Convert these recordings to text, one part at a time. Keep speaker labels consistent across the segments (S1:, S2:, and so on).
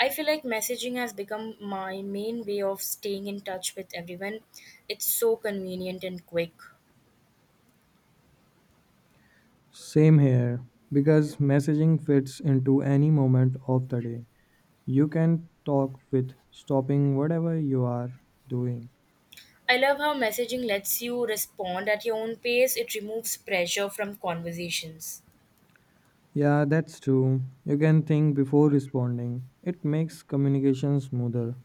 S1: I feel like messaging has become my main way of staying in touch with everyone. It's so convenient and quick.
S2: Same here, because messaging fits into any moment of the day. You can talk with stopping whatever you are doing.
S1: I love how messaging lets you respond at your own pace, it removes pressure from conversations.
S2: Yeah, that's true. You can think before responding. It makes communication smoother.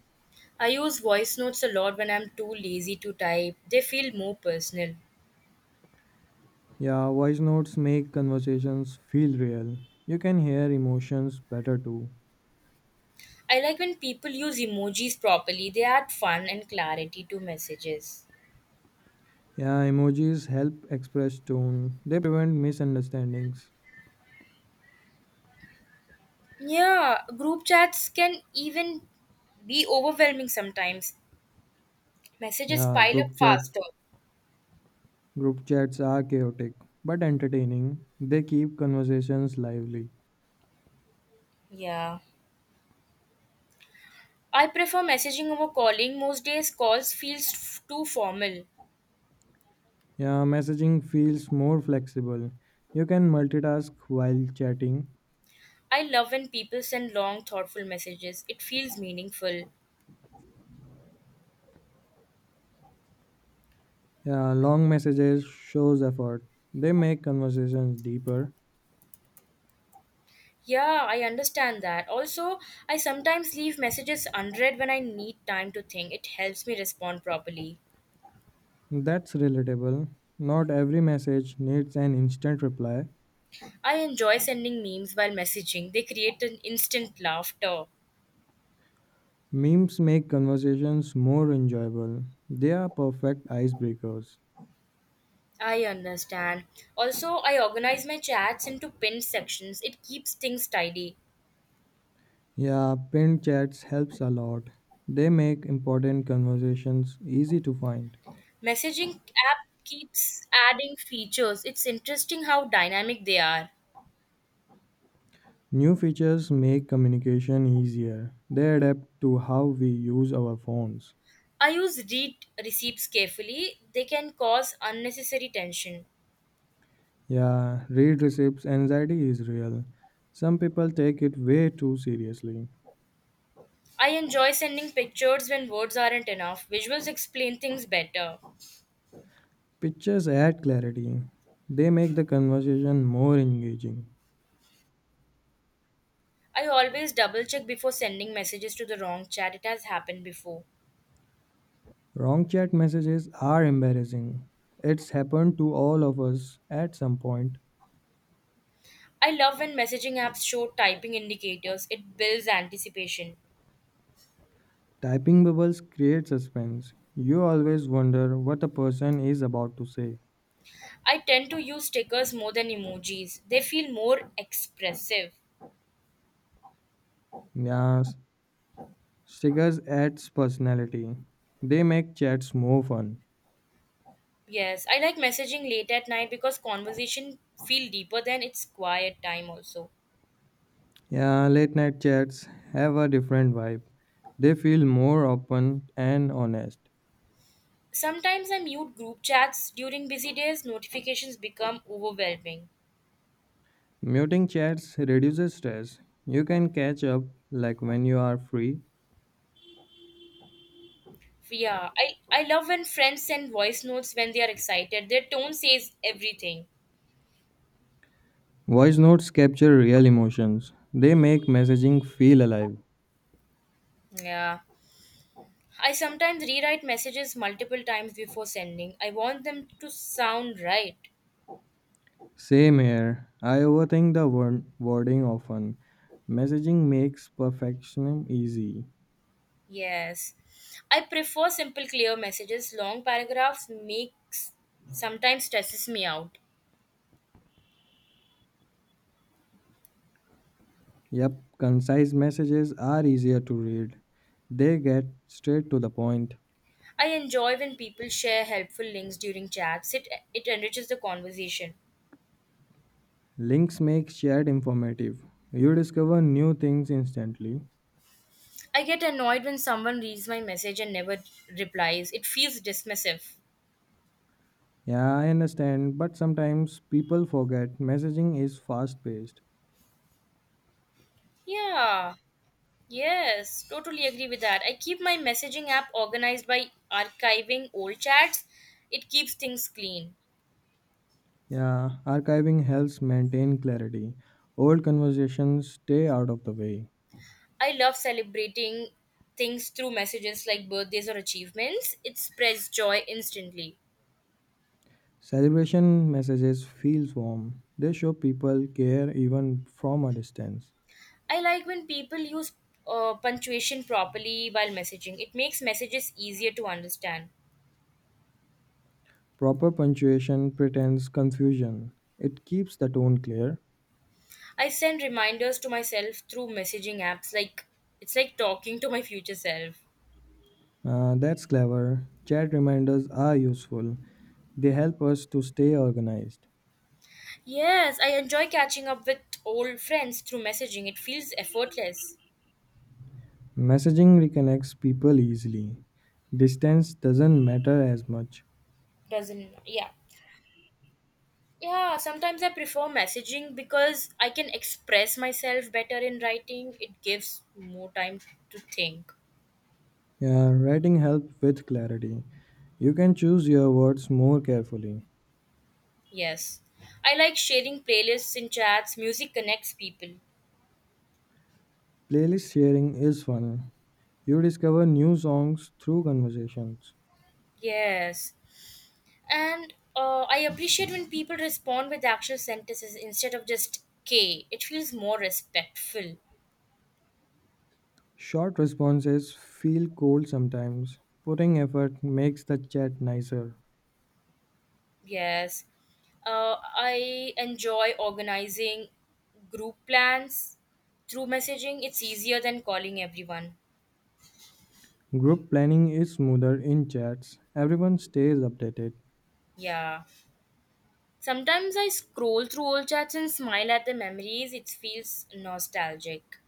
S1: I use voice notes a lot when I'm too lazy to type, they feel more personal.
S2: Yeah, voice notes make conversations feel real. You can hear emotions better too.
S1: I like when people use emojis properly, they add fun and clarity to messages.
S2: Yeah, emojis help express tone. They prevent misunderstandings.
S1: Yeah, group chats can even be overwhelming sometimes. Messages
S2: Yeah,
S1: pile up
S2: group chat
S1: faster.
S2: Group chats are chaotic but entertaining. They keep conversations lively.
S1: Yeah. I prefer messaging over calling. Most days calls feels too formal.
S2: Yeah, messaging feels more flexible. You can multitask while chatting.
S1: I love when people send long thoughtful messages. It feels meaningful.
S2: Yeah, long messages shows effort. They make conversations deeper.
S1: Yeah, I understand that. Also, I sometimes leave messages unread when I need time to think. It helps me respond properly.
S2: That's relatable. Not every message needs an instant reply.
S1: I enjoy sending memes while messaging. They create an instant laughter.
S2: Memes make conversations more enjoyable. They are perfect icebreakers.
S1: I understand. Also, I organize my chats into pinned sections. It keeps things tidy.
S2: Yeah, pinned chats helps a lot. They make important conversations easy to find.
S1: Messaging app keeps adding features. It's interesting how dynamic they are.
S2: New features make communication easier. They adapt to how we use our phones.
S1: I use read receipts carefully. They can cause unnecessary tension.
S2: Yeah, read receipts anxiety is real. Some people take it way too seriously.
S1: I enjoy sending pictures when words aren't enough. Visuals explain things better.
S2: Pictures add clarity. They make the conversation more engaging.
S1: I always double check before sending messages to the wrong chat. It has happened before.
S2: Wrong chat messages are embarrassing. It's happened to all of us at some point.
S1: I love when messaging apps show typing indicators. It builds anticipation.
S2: Typing bubbles create suspense. You always wonder what a person is about to say.
S1: I tend to use stickers more than emojis. They feel more expressive.
S2: Yes, stickers adds personality. They make chats more fun.
S1: Yes, I like messaging late at night because conversation feel deeper than it's quiet time also.
S2: Yeah, late night chats have a different vibe. They feel more open and honest.
S1: Sometimes I mute group chats during busy days, notifications become overwhelming.
S2: Muting chats reduces stress. You can catch up like when you are free.
S1: Yeah, I love when friends send voice notes when they are excited. Their tone says everything.
S2: Voice notes capture real emotions. They make messaging feel alive.
S1: Yeah. I sometimes rewrite messages multiple times before sending. I want them to sound right.
S2: Same here. I overthink the wording often. Messaging makes perfectionism easy.
S1: Yes. I prefer simple clear messages. Long paragraphs makes sometimes stresses me out.
S2: Yep, concise messages are easier to read. They get straight to the point.
S1: I enjoy when people share helpful links during chats. It enriches the conversation.
S2: Links make shared informative. You discover new things instantly.
S1: I get annoyed when someone reads my message and never replies. It feels dismissive.
S2: Yeah, I understand, but sometimes people forget messaging is fast paced.
S1: Yeah. Yes, totally agree with that. I keep my messaging app organized by archiving old chats. It keeps things clean.
S2: Yeah, archiving helps maintain clarity. Old conversations stay out of the way.
S1: I love celebrating things through messages like birthdays or achievements. It spreads joy instantly.
S2: Celebration messages feels warm. They show people care even from a distance.
S1: I like when people use punctuation properly while messaging. It makes messages easier to understand.
S2: Proper punctuation pretends confusion. It keeps the tone clear.
S1: I send reminders to myself through messaging apps like it's like talking to my future self.
S2: That's clever. Chat reminders are useful. They help us to stay organized.
S1: Yes, I enjoy catching up with old friends through messaging. It feels effortless.
S2: Messaging reconnects people easily. Distance doesn't matter as much.
S1: Doesn't yeah. Yeah, sometimes I prefer messaging because I can express myself better in writing. It gives more time to think.
S2: Yeah, writing helps with clarity. You can choose your words more carefully.
S1: Yes. I like sharing playlists in chats. Music connects people.
S2: Playlist sharing is fun. You discover new songs through conversations.
S1: Yes. And I appreciate when people respond with actual sentences instead of just K. It feels more respectful.
S2: Short responses feel cold sometimes. Putting effort makes the chat nicer.
S1: Yes. I enjoy organizing group plans through messaging. It's easier than calling everyone.
S2: Group planning is smoother in chats. Everyone stays updated.
S1: Yeah. Sometimes I scroll through old chats and smile at the memories. It feels nostalgic.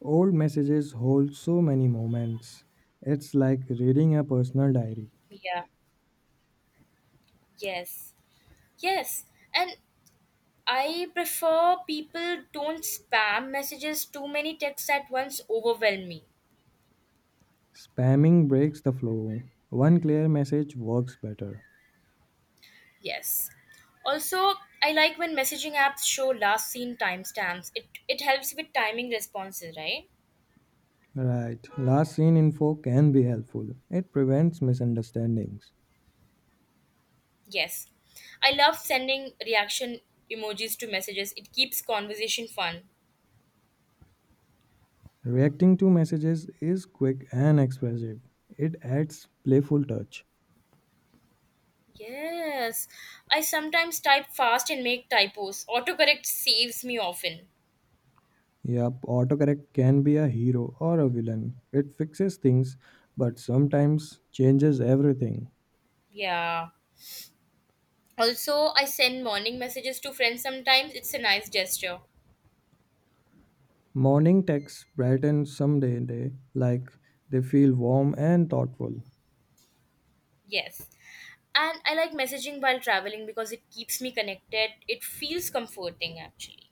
S2: Old messages hold so many moments. It's like reading a personal diary.
S1: Yeah. Yes. Yes, and I prefer people don't spam messages. Too many texts at once overwhelm me.
S2: Spamming breaks the flow. One clear message works better.
S1: Yes. Also, I like when messaging apps show last seen timestamps. It helps with timing responses, right?
S2: Right, last seen info can be helpful. It prevents misunderstandings.
S1: Yes. I love sending reaction emojis to messages. It keeps conversation fun.
S2: Reacting to messages is quick and expressive. It adds playful touch.
S1: Yes. I sometimes type fast and make typos. Autocorrect saves me often.
S2: Yup, autocorrect can be a hero or a villain. It fixes things but sometimes changes everything.
S1: Yeah. Also, I send morning messages to friends sometimes. It's a nice gesture.
S2: Morning texts brighten some day like they feel warm and thoughtful.
S1: Yes. And I like messaging while traveling because it keeps me connected. It feels comforting actually.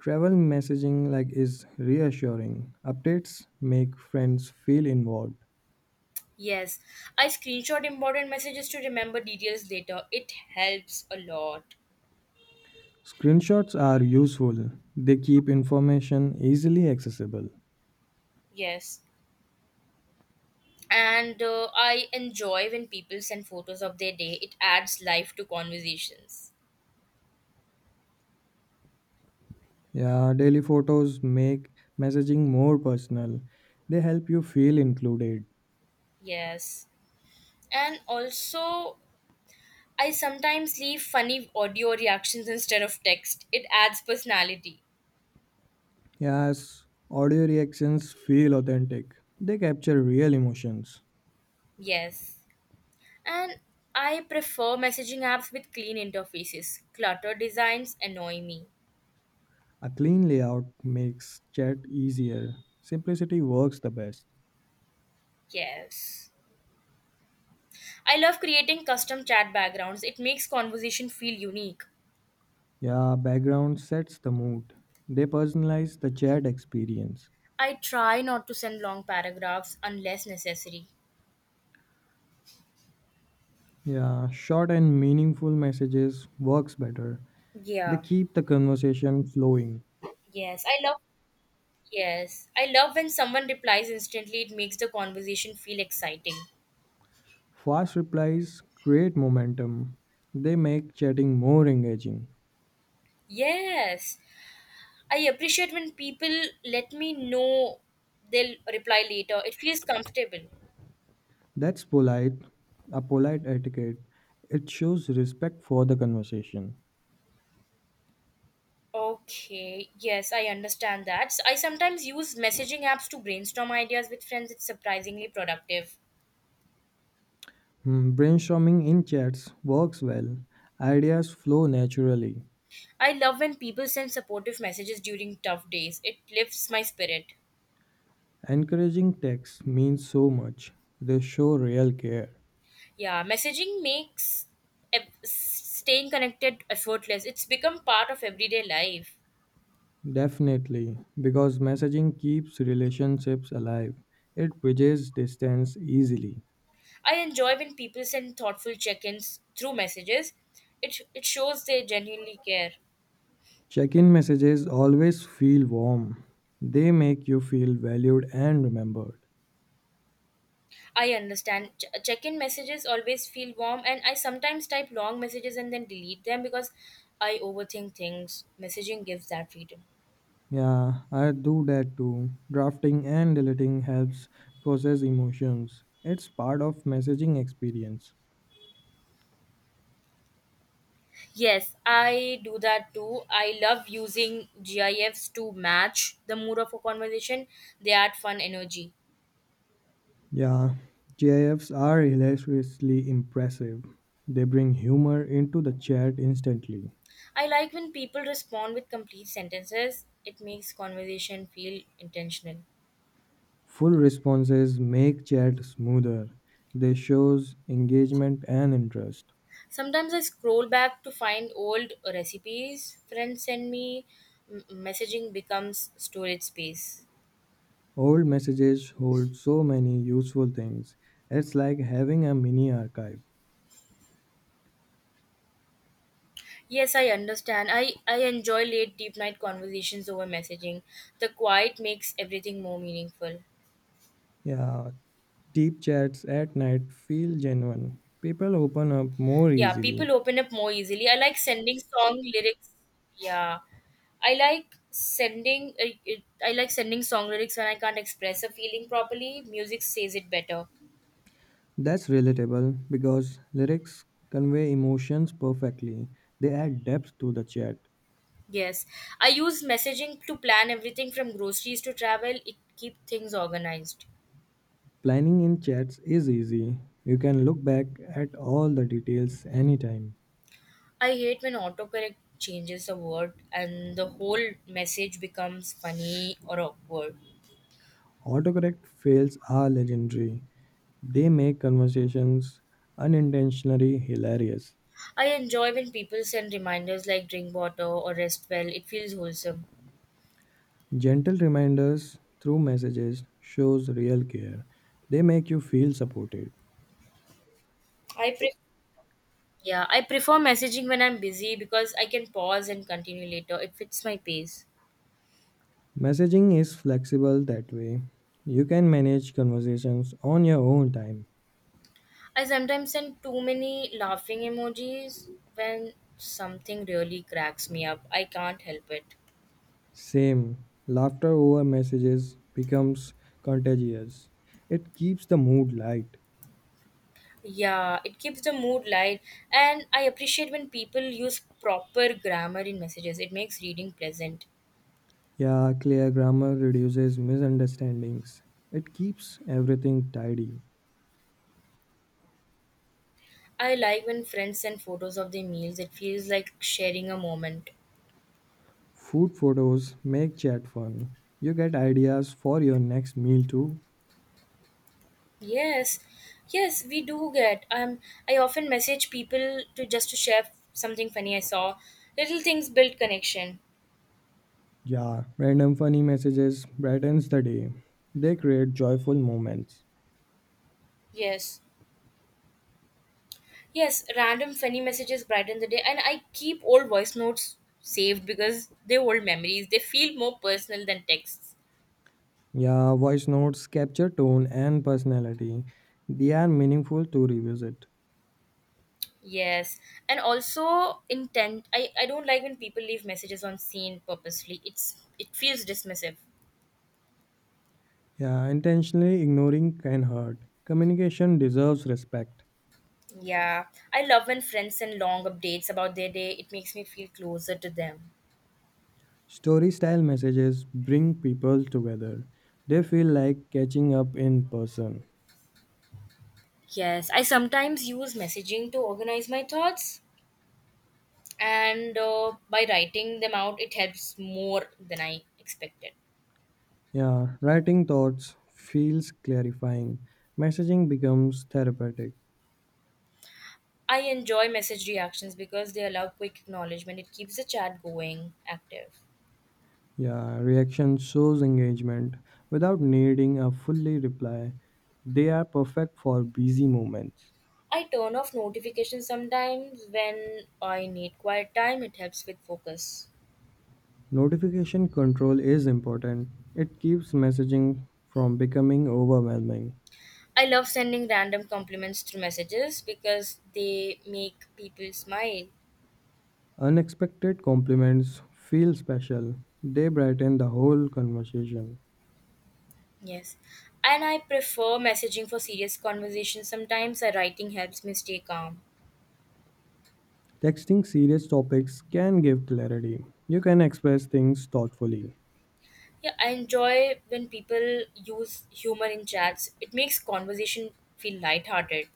S2: Travel messaging like is reassuring. Updates make friends feel involved.
S1: Yes. I screenshot important messages to remember details later. It helps a lot.
S2: Screenshots are useful. They keep information easily accessible.
S1: Yes. And I enjoy when people send photos of their day. It adds life to conversations.
S2: Yeah, daily photos make messaging more personal. They help you feel included.
S1: Yes. And also, I sometimes leave funny audio reactions instead of text. It adds personality.
S2: Yes, audio reactions feel authentic. They capture real emotions.
S1: Yes. And I prefer messaging apps with clean interfaces. Cluttered designs annoy me.
S2: A clean layout makes chat easier. Simplicity works the best.
S1: Yes. I love creating custom chat backgrounds. It makes conversation feel unique.
S2: Yeah, background sets the mood. They personalize the chat experience.
S1: I try not to send long paragraphs unless necessary.
S2: Yeah, short and meaningful messages works better. They
S1: Yeah.
S2: keep the conversation flowing.
S1: Yes, I love yes. I love when someone replies instantly. It makes the conversation feel exciting.
S2: Fast replies create momentum. They make chatting more engaging.
S1: Yes. I appreciate when people let me know they'll reply later. It feels comfortable.
S2: That's polite, a polite etiquette. It shows respect for the conversation.
S1: Okay, yes, I understand that. I sometimes use messaging apps to brainstorm ideas with friends. It's surprisingly productive.
S2: Hmm, Brainstorming in chats works well. Ideas flow naturally.
S1: I love when people send supportive messages during tough days. It lifts my spirit.
S2: Encouraging texts means so much. They show real care.
S1: Yeah, messaging makes staying connected effortless. It's become part of everyday life.
S2: Definitely, because messaging keeps relationships alive. It bridges distance easily.
S1: I enjoy when people send thoughtful check ins through messages. It shows they genuinely care.
S2: Check in messages always feel warm, they make you feel valued and remembered.
S1: I understand. Check in messages always feel warm, and I sometimes type long messages and then delete them because I overthink things. Messaging gives that freedom.
S2: Yeah, I do that too. Drafting and deleting helps process emotions, it's part of messaging experience.
S1: Yes, I do that too. I love using GIFs to match the mood of a conversation, they add fun energy.
S2: Yeah, GIFs are hilariously impressive. They bring humor into the chat instantly.
S1: I like when people respond with complete sentences, it makes conversation feel intentional.
S2: Full responses make chat smoother. They shows engagement and interest.
S1: Sometimes I scroll back to find old recipes friends send me. Messaging becomes storage space.
S2: Old messages hold so many useful things. It's like having a mini archive.
S1: Yes, I understand. I enjoy late deep night conversations over messaging. The quiet makes everything more meaningful.
S2: Yeah, deep chats at night feel genuine. People open up more
S1: Yeah, people
S2: easily.
S1: open up more easily. I like sending song lyrics. Yeah. I like sending I I like sending song lyrics when I can't express a feeling properly. Music says it better.
S2: That's relatable because lyrics convey emotions perfectly. They add depth to the chat.
S1: Yes, I use messaging to plan everything from groceries to travel. It keep things organized.
S2: Planning in chats is easy. You can look back at all the details anytime.
S1: I hate when autocorrect changes a word and the whole message becomes funny or awkward.
S2: Autocorrect fails are legendary. They make conversations unintentionally hilarious.
S1: I enjoy when people send reminders like drink water or rest well. It feels wholesome.
S2: Gentle reminders through messages shows real care. They make you feel supported.
S1: Yeah, I prefer messaging when I'm busy because I can pause and continue later. It fits my pace.
S2: Messaging is flexible that way. You can manage conversations on your own time.
S1: I sometimes send too many laughing emojis when something really cracks me up. I can't help it.
S2: Same, laughter over messages becomes contagious. It keeps the mood light.
S1: Yeah, it keeps the mood light, and I appreciate when people use proper grammar in messages. It makes reading pleasant.
S2: Yeah, clear grammar reduces misunderstandings. It keeps everything tidy.
S1: I like when friends send photos of their meals. It feels like sharing a moment.
S2: Food photos make chat fun. You get ideas for your next meal too.
S1: Yes, yes, we do get. I often message people to just to share something funny I saw. Little things build connection.
S2: Yeah, random funny messages brightens the day. They create joyful moments.
S1: Yes. Yes, random funny messages brighten the day, and I keep old voice notes saved because they're old memories. They feel more personal than texts.
S2: Yeah, voice notes capture tone and personality. They are meaningful to revisit.
S1: Yes, and also intent. I don't like when people leave messages on scene purposely. It feels dismissive.
S2: Yeah, intentionally ignoring can hurt. Communication deserves respect.
S1: Yeah, I love when friends send long updates about their day. It makes me feel closer to them.
S2: Story style messages bring people together. They feel like catching up in person.
S1: Yes, I sometimes use messaging to organize my thoughts, and by writing them out, it helps more than I expected.
S2: Yeah, writing thoughts feels clarifying. Messaging becomes therapeutic.
S1: I enjoy message reactions because they allow quick acknowledgement. It keeps the chat going active.
S2: Yeah, reaction shows engagement without needing a fully reply. They are perfect for busy moments.
S1: I turn off notifications sometimes when I need quiet time. It helps with focus.
S2: Notification control is important. It keeps messaging from becoming overwhelming.
S1: I love sending random compliments through messages because they make people smile.
S2: Unexpected compliments feel special. They brighten the whole conversation.
S1: Yes. And I prefer messaging for serious conversations sometimes. Writing helps me stay calm.
S2: Texting serious topics can give clarity. You can express things thoughtfully.
S1: Yeah, I enjoy when people use humor in chats. It makes conversation feel lighthearted.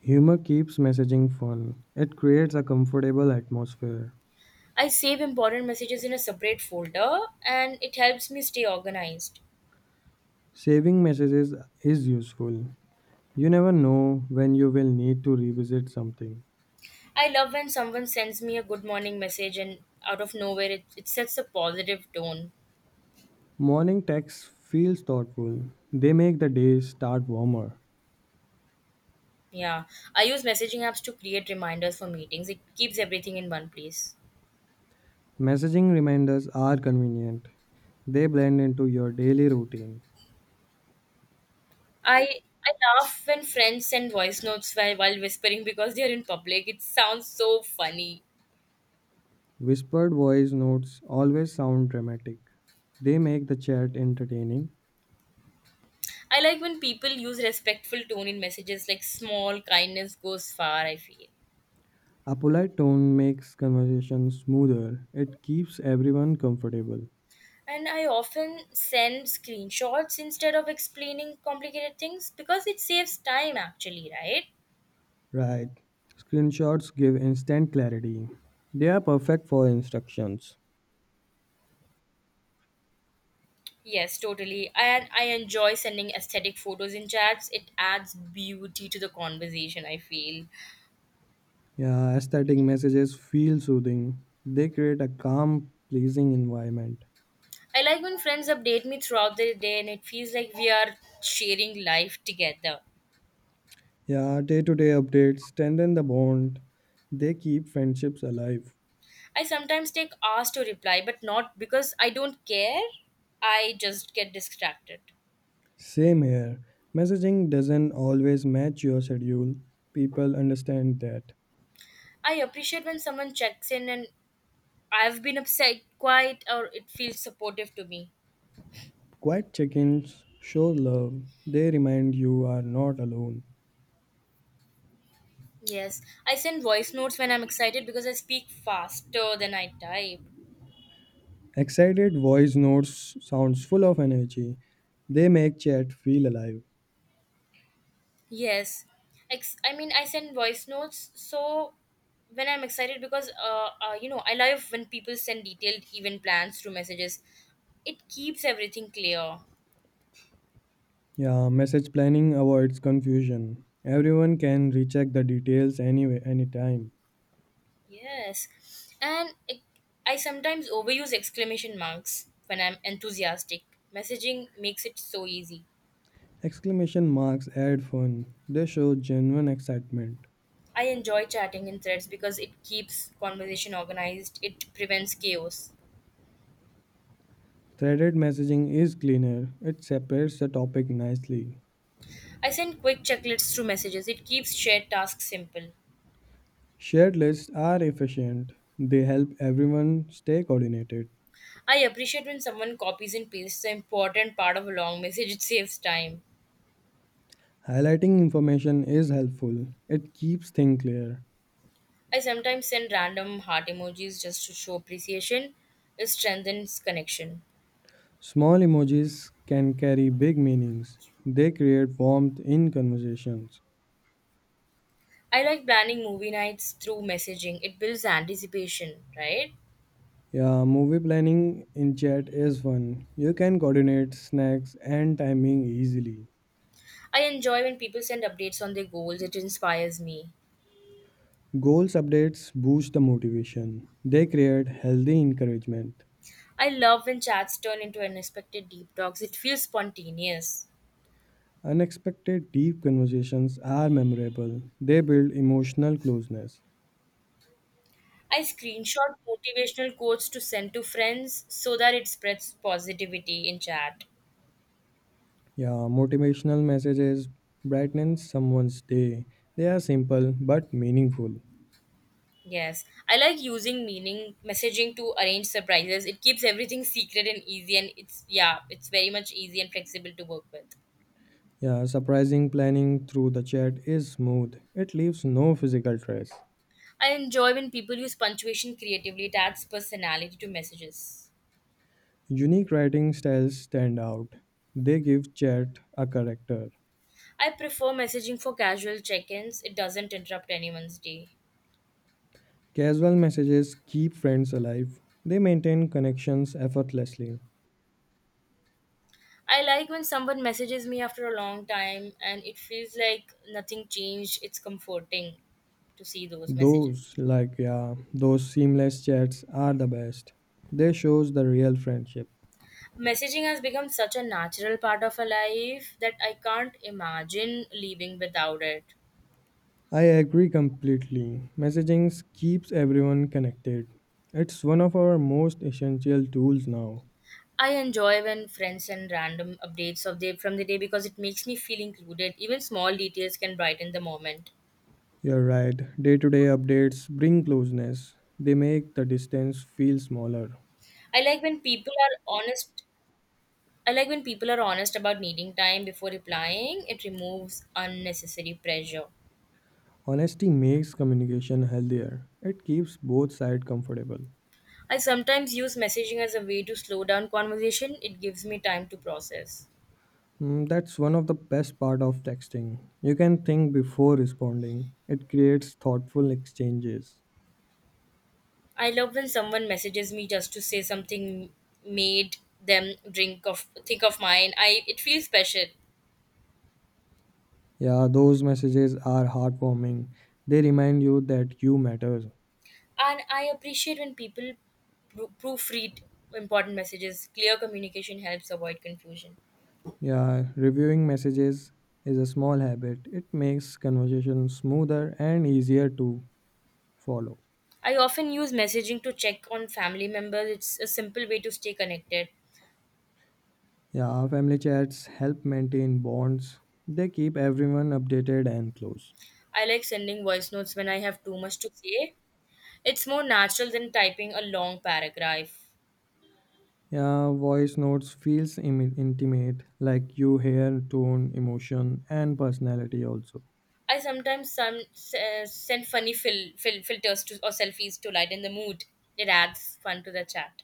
S2: Humor keeps messaging fun. It creates a comfortable atmosphere.
S1: I save important messages in a separate folder and it helps me stay organized.
S2: Saving messages is useful. You never know when you will need to revisit something.
S1: I love when someone sends me a good morning message and out of nowhere it sets a positive tone.
S2: Morning texts feels thoughtful. They make the day start warmer.
S1: Yeah. I use messaging apps to create reminders for meetings. It keeps everything in one place.
S2: Messaging reminders are convenient. They blend into your daily routine.
S1: I I laugh when friends send voice notes while whispering because they're in public. It sounds so funny.
S2: Whispered voice notes always sound dramatic. They make the chat entertaining.
S1: I like when people use respectful tone in messages like small kindness goes far, I feel.
S2: A polite tone makes conversation smoother. It keeps everyone comfortable.
S1: And I often send screenshots instead of explaining complicated things because it saves time actually, right?
S2: Right. Screenshots give instant clarity. They are perfect for instructions.
S1: Yes, totally. And I enjoy sending aesthetic photos in chats. It adds beauty to the conversation, I feel.
S2: Yeah, aesthetic messages feel soothing. They create a calm, pleasing environment.
S1: I like when friends update me throughout the day and it feels like we are sharing life together.
S2: Yeah, day to day updates strengthen the bond. They keep friendships alive.
S1: I sometimes take hours to reply, but not because I don't care. I just get distracted.
S2: Same here. Messaging doesn't always match your schedule. People understand that.
S1: I appreciate when someone checks in and I've been upset quite or it feels supportive to me.
S2: Quiet check ins show love. They remind you are not alone.
S1: Yes, I send voice notes when I'm excited because I speak faster than I type.
S2: Excited voice notes sounds full of energy. They make chat feel alive.
S1: Yes. I mean, I send voice notes so when I'm excited because, I love when people send detailed event plans through messages. It keeps everything clear.
S2: Yeah, message planning avoids confusion. Everyone can recheck the details anyway anytime.
S1: Yes. And it, I sometimes overuse exclamation marks when I'm enthusiastic. Messaging makes it so easy.
S2: Exclamation marks add fun. They show genuine excitement.
S1: I enjoy chatting in threads because it keeps conversation organized, it prevents chaos.
S2: Threaded messaging is cleaner. It separates the topic nicely.
S1: I send quick checklists through messages, it keeps shared tasks simple.
S2: Shared lists are efficient. They help everyone stay coordinated.
S1: I appreciate when someone copies and pastes the important part of a long message, it saves time.
S2: Highlighting information is helpful. It keeps things clear.
S1: I sometimes send random heart emojis just to show appreciation. It strengthens connection.
S2: Small emojis can carry big meanings. They create warmth in conversations.
S1: I like planning movie nights through messaging. It builds anticipation, right?
S2: Yeah, movie planning in chat is fun. You can coordinate snacks and timing easily.
S1: I enjoy when people send updates on their goals. It inspires me.
S2: Goals updates boost the motivation. They create healthy encouragement.
S1: I love when chats turn into unexpected deep talks. It feels spontaneous.
S2: Unexpected deep conversations are memorable. They build emotional closeness.
S1: I screenshot motivational quotes to send to friends so that it spreads positivity in chat.
S2: Yeah, motivational messages brighten someone's day. They are simple but meaningful.
S1: Yes, I like using meaning messaging to arrange surprises. It keeps everything secret and easy, and it's very much easy and flexible to work with.
S2: Yeah, surprising planning through the chat is smooth. It leaves no physical trace.
S1: I enjoy when people use punctuation creatively. It adds personality to messages.
S2: Unique writing styles stand out. They give chat a character.
S1: I prefer messaging for casual check ins, it doesn't interrupt anyone's day.
S2: Casual messages keep friends alive. They maintain connections effortlessly.
S1: I like when someone messages me after a long time and it feels like nothing changed. It's comforting to see those messages.
S2: Those like yeah, those seamless chats are the best. They shows the real friendship.
S1: Messaging has become such a natural part of our life that I can't imagine living without it.
S2: I agree completely. Messaging keeps everyone connected. It's one of our most essential tools now.
S1: I enjoy when friends send random updates of the from the day because it makes me feel included. Even small details can brighten the moment.
S2: You're right. Day to day updates bring closeness, they make the distance feel smaller.
S1: I like when people are honest. I like when people are honest about needing time before replying. It removes unnecessary pressure.
S2: Honesty makes communication healthier, it keeps both sides comfortable.
S1: I sometimes use messaging as a way to slow down conversation. It gives me time to process.
S2: Mm, that's one of the best part of texting. You can think before responding. It creates thoughtful exchanges.
S1: I love when someone messages me just to say something made them drink of think of mine. I It feels special,
S2: Yeah, those messages are heartwarming. They remind you that you matter.
S1: and I appreciate when people proofread important messages. Clear communication helps avoid confusion.
S2: Yeah, reviewing messages is a small habit. It makes conversation smoother and easier to follow.
S1: I often use messaging to check on family members. It's a simple way to stay connected.
S2: Yeah, family chats help maintain bonds. They keep everyone updated and close.
S1: I like sending voice notes when I have too much to say. It's more natural than typing a long paragraph.
S2: Yeah, voice notes feels intimate, like you hear tone, emotion, and personality also.
S1: I sometimes send funny filters to, or selfies to lighten the mood. It adds fun to the chat.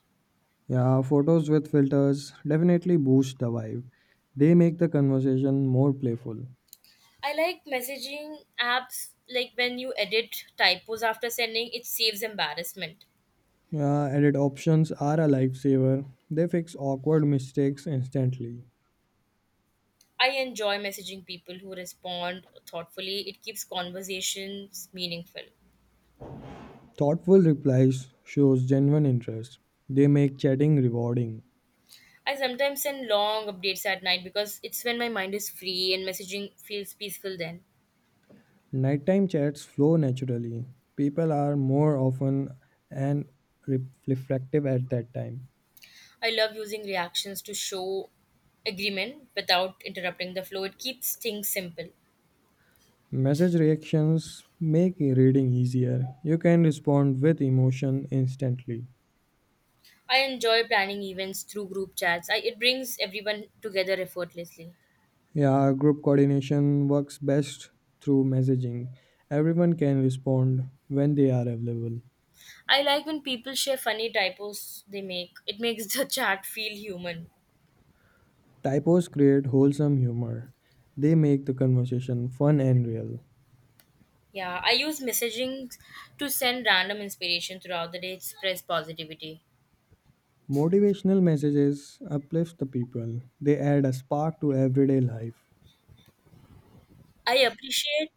S2: Yeah, photos with filters definitely boost the vibe. They make the conversation more playful.
S1: I like messaging apps like when you edit typos after sending, it saves embarrassment.
S2: Yeah, edit options are a lifesaver. They fix awkward mistakes instantly.
S1: I enjoy messaging people who respond thoughtfully. It keeps conversations meaningful.
S2: Thoughtful replies shows genuine interest. They make chatting rewarding.
S1: I sometimes send long updates at night because it's when my mind is free and messaging feels peaceful then.
S2: Nighttime chats flow naturally. People are more often and re- reflective at that time.
S1: I love using reactions to show agreement without interrupting the flow. It keeps things simple.
S2: Message reactions make reading easier. You can respond with emotion instantly.
S1: I enjoy planning events through group chats. It brings everyone together effortlessly.
S2: Yeah, group coordination works best through messaging. Everyone can respond when they are available.
S1: I like when people share funny typos they make. It makes the chat feel human.
S2: Typos create wholesome humor. They make the conversation fun and real.
S1: Yeah, I use messaging to send random inspiration throughout the day, express positivity.
S2: Motivational messages uplift the people. They add a spark to everyday life.
S1: I appreciate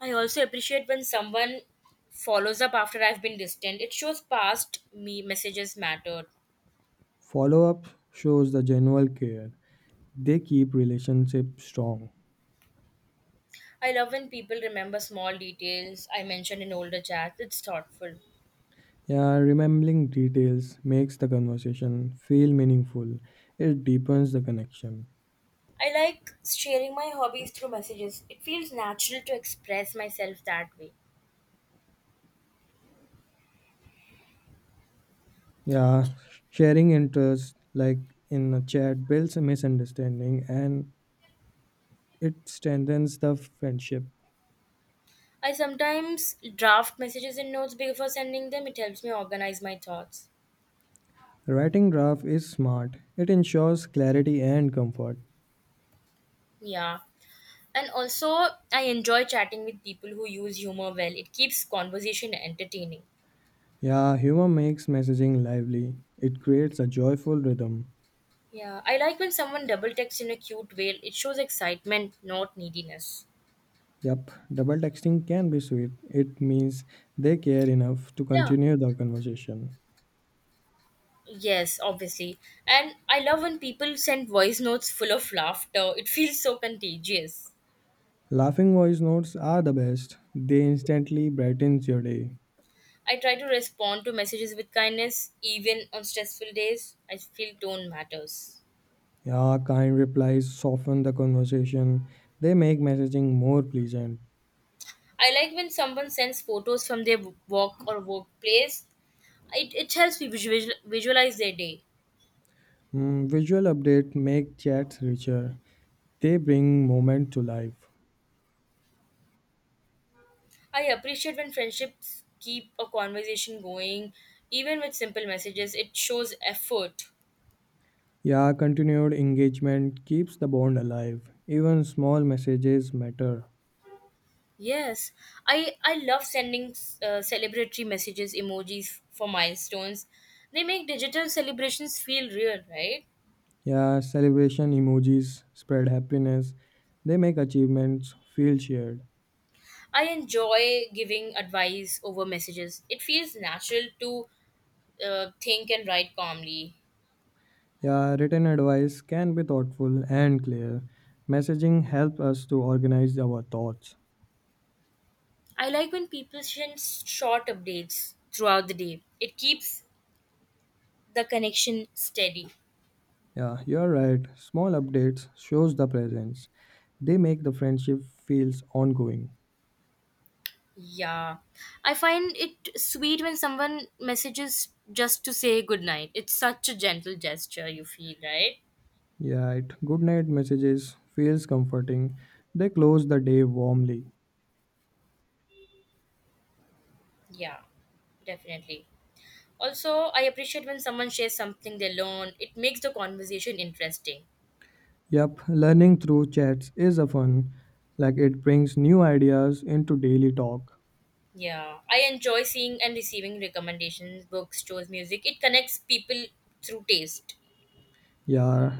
S1: I also appreciate when someone follows up after I've been distant. It shows past me messages mattered.
S2: Follow-up shows the genuine care. They keep relationships strong.
S1: I love when people remember small details I mentioned in older chats. It's thoughtful.
S2: Yeah, remembering details makes the conversation feel meaningful. It deepens the connection.
S1: I like sharing my hobbies through messages. It feels natural to express myself that way.
S2: Yeah, sharing interests like in a chat builds a misunderstanding and it strengthens the friendship.
S1: I sometimes draft messages and notes before sending them. It helps me organize my thoughts.
S2: Writing draft is smart. It ensures clarity and comfort.
S1: Yeah. And also, I enjoy chatting with people who use humor well. It keeps conversation entertaining.
S2: Yeah, humor makes messaging lively. It creates a joyful rhythm.
S1: Yeah. I like when someone double texts in a cute way. It shows excitement, not neediness.
S2: Yup, double texting can be sweet. It means they care enough to
S1: Yeah.
S2: continue the conversation.
S1: Yes, obviously. And I love when people send voice notes full of laughter. It feels so contagious.
S2: Laughing voice notes are the best. They instantly brightens your day.
S1: I try to respond to messages with kindness, even on stressful days. I feel tone matters.
S2: Yeah, kind replies soften the conversation. They make messaging more pleasant.
S1: I like when someone sends photos from their work or workplace. It helps me visualize their day.
S2: Mm, visual update make chats richer. They bring moment to life.
S1: I appreciate when friendships keep a conversation going, even with simple messages. It shows effort.
S2: Yeah, continued engagement keeps the bond alive. Even small messages matter.
S1: Yes, I love sending celebratory messages, emojis for milestones. They make digital celebrations feel real, right?
S2: Yeah, celebration emojis spread happiness. They make achievements feel shared.
S1: I enjoy giving advice over messages. It feels natural to think and write calmly.
S2: Yeah, written advice can be thoughtful and clear. Messaging helps us to organize our thoughts.
S1: I like when people send short updates throughout the day. It keeps the connection steady.
S2: Yeah, you're right. Small updates shows the presence. They make the friendship feels ongoing.
S1: Yeah. I find it sweet when someone messages just to say good night. It's such a gentle gesture, you feel, right?
S2: Yeah, it good night messages feels comforting. They close the day warmly.
S1: Yeah, definitely. Also, I appreciate when someone shares something they learn. It makes the conversation interesting.
S2: Yep, learning through chats is a fun, like it brings new ideas into daily talk.
S1: Yeah, I enjoy seeing and receiving recommendations, books, shows, music. It connects people through taste.
S2: Yeah,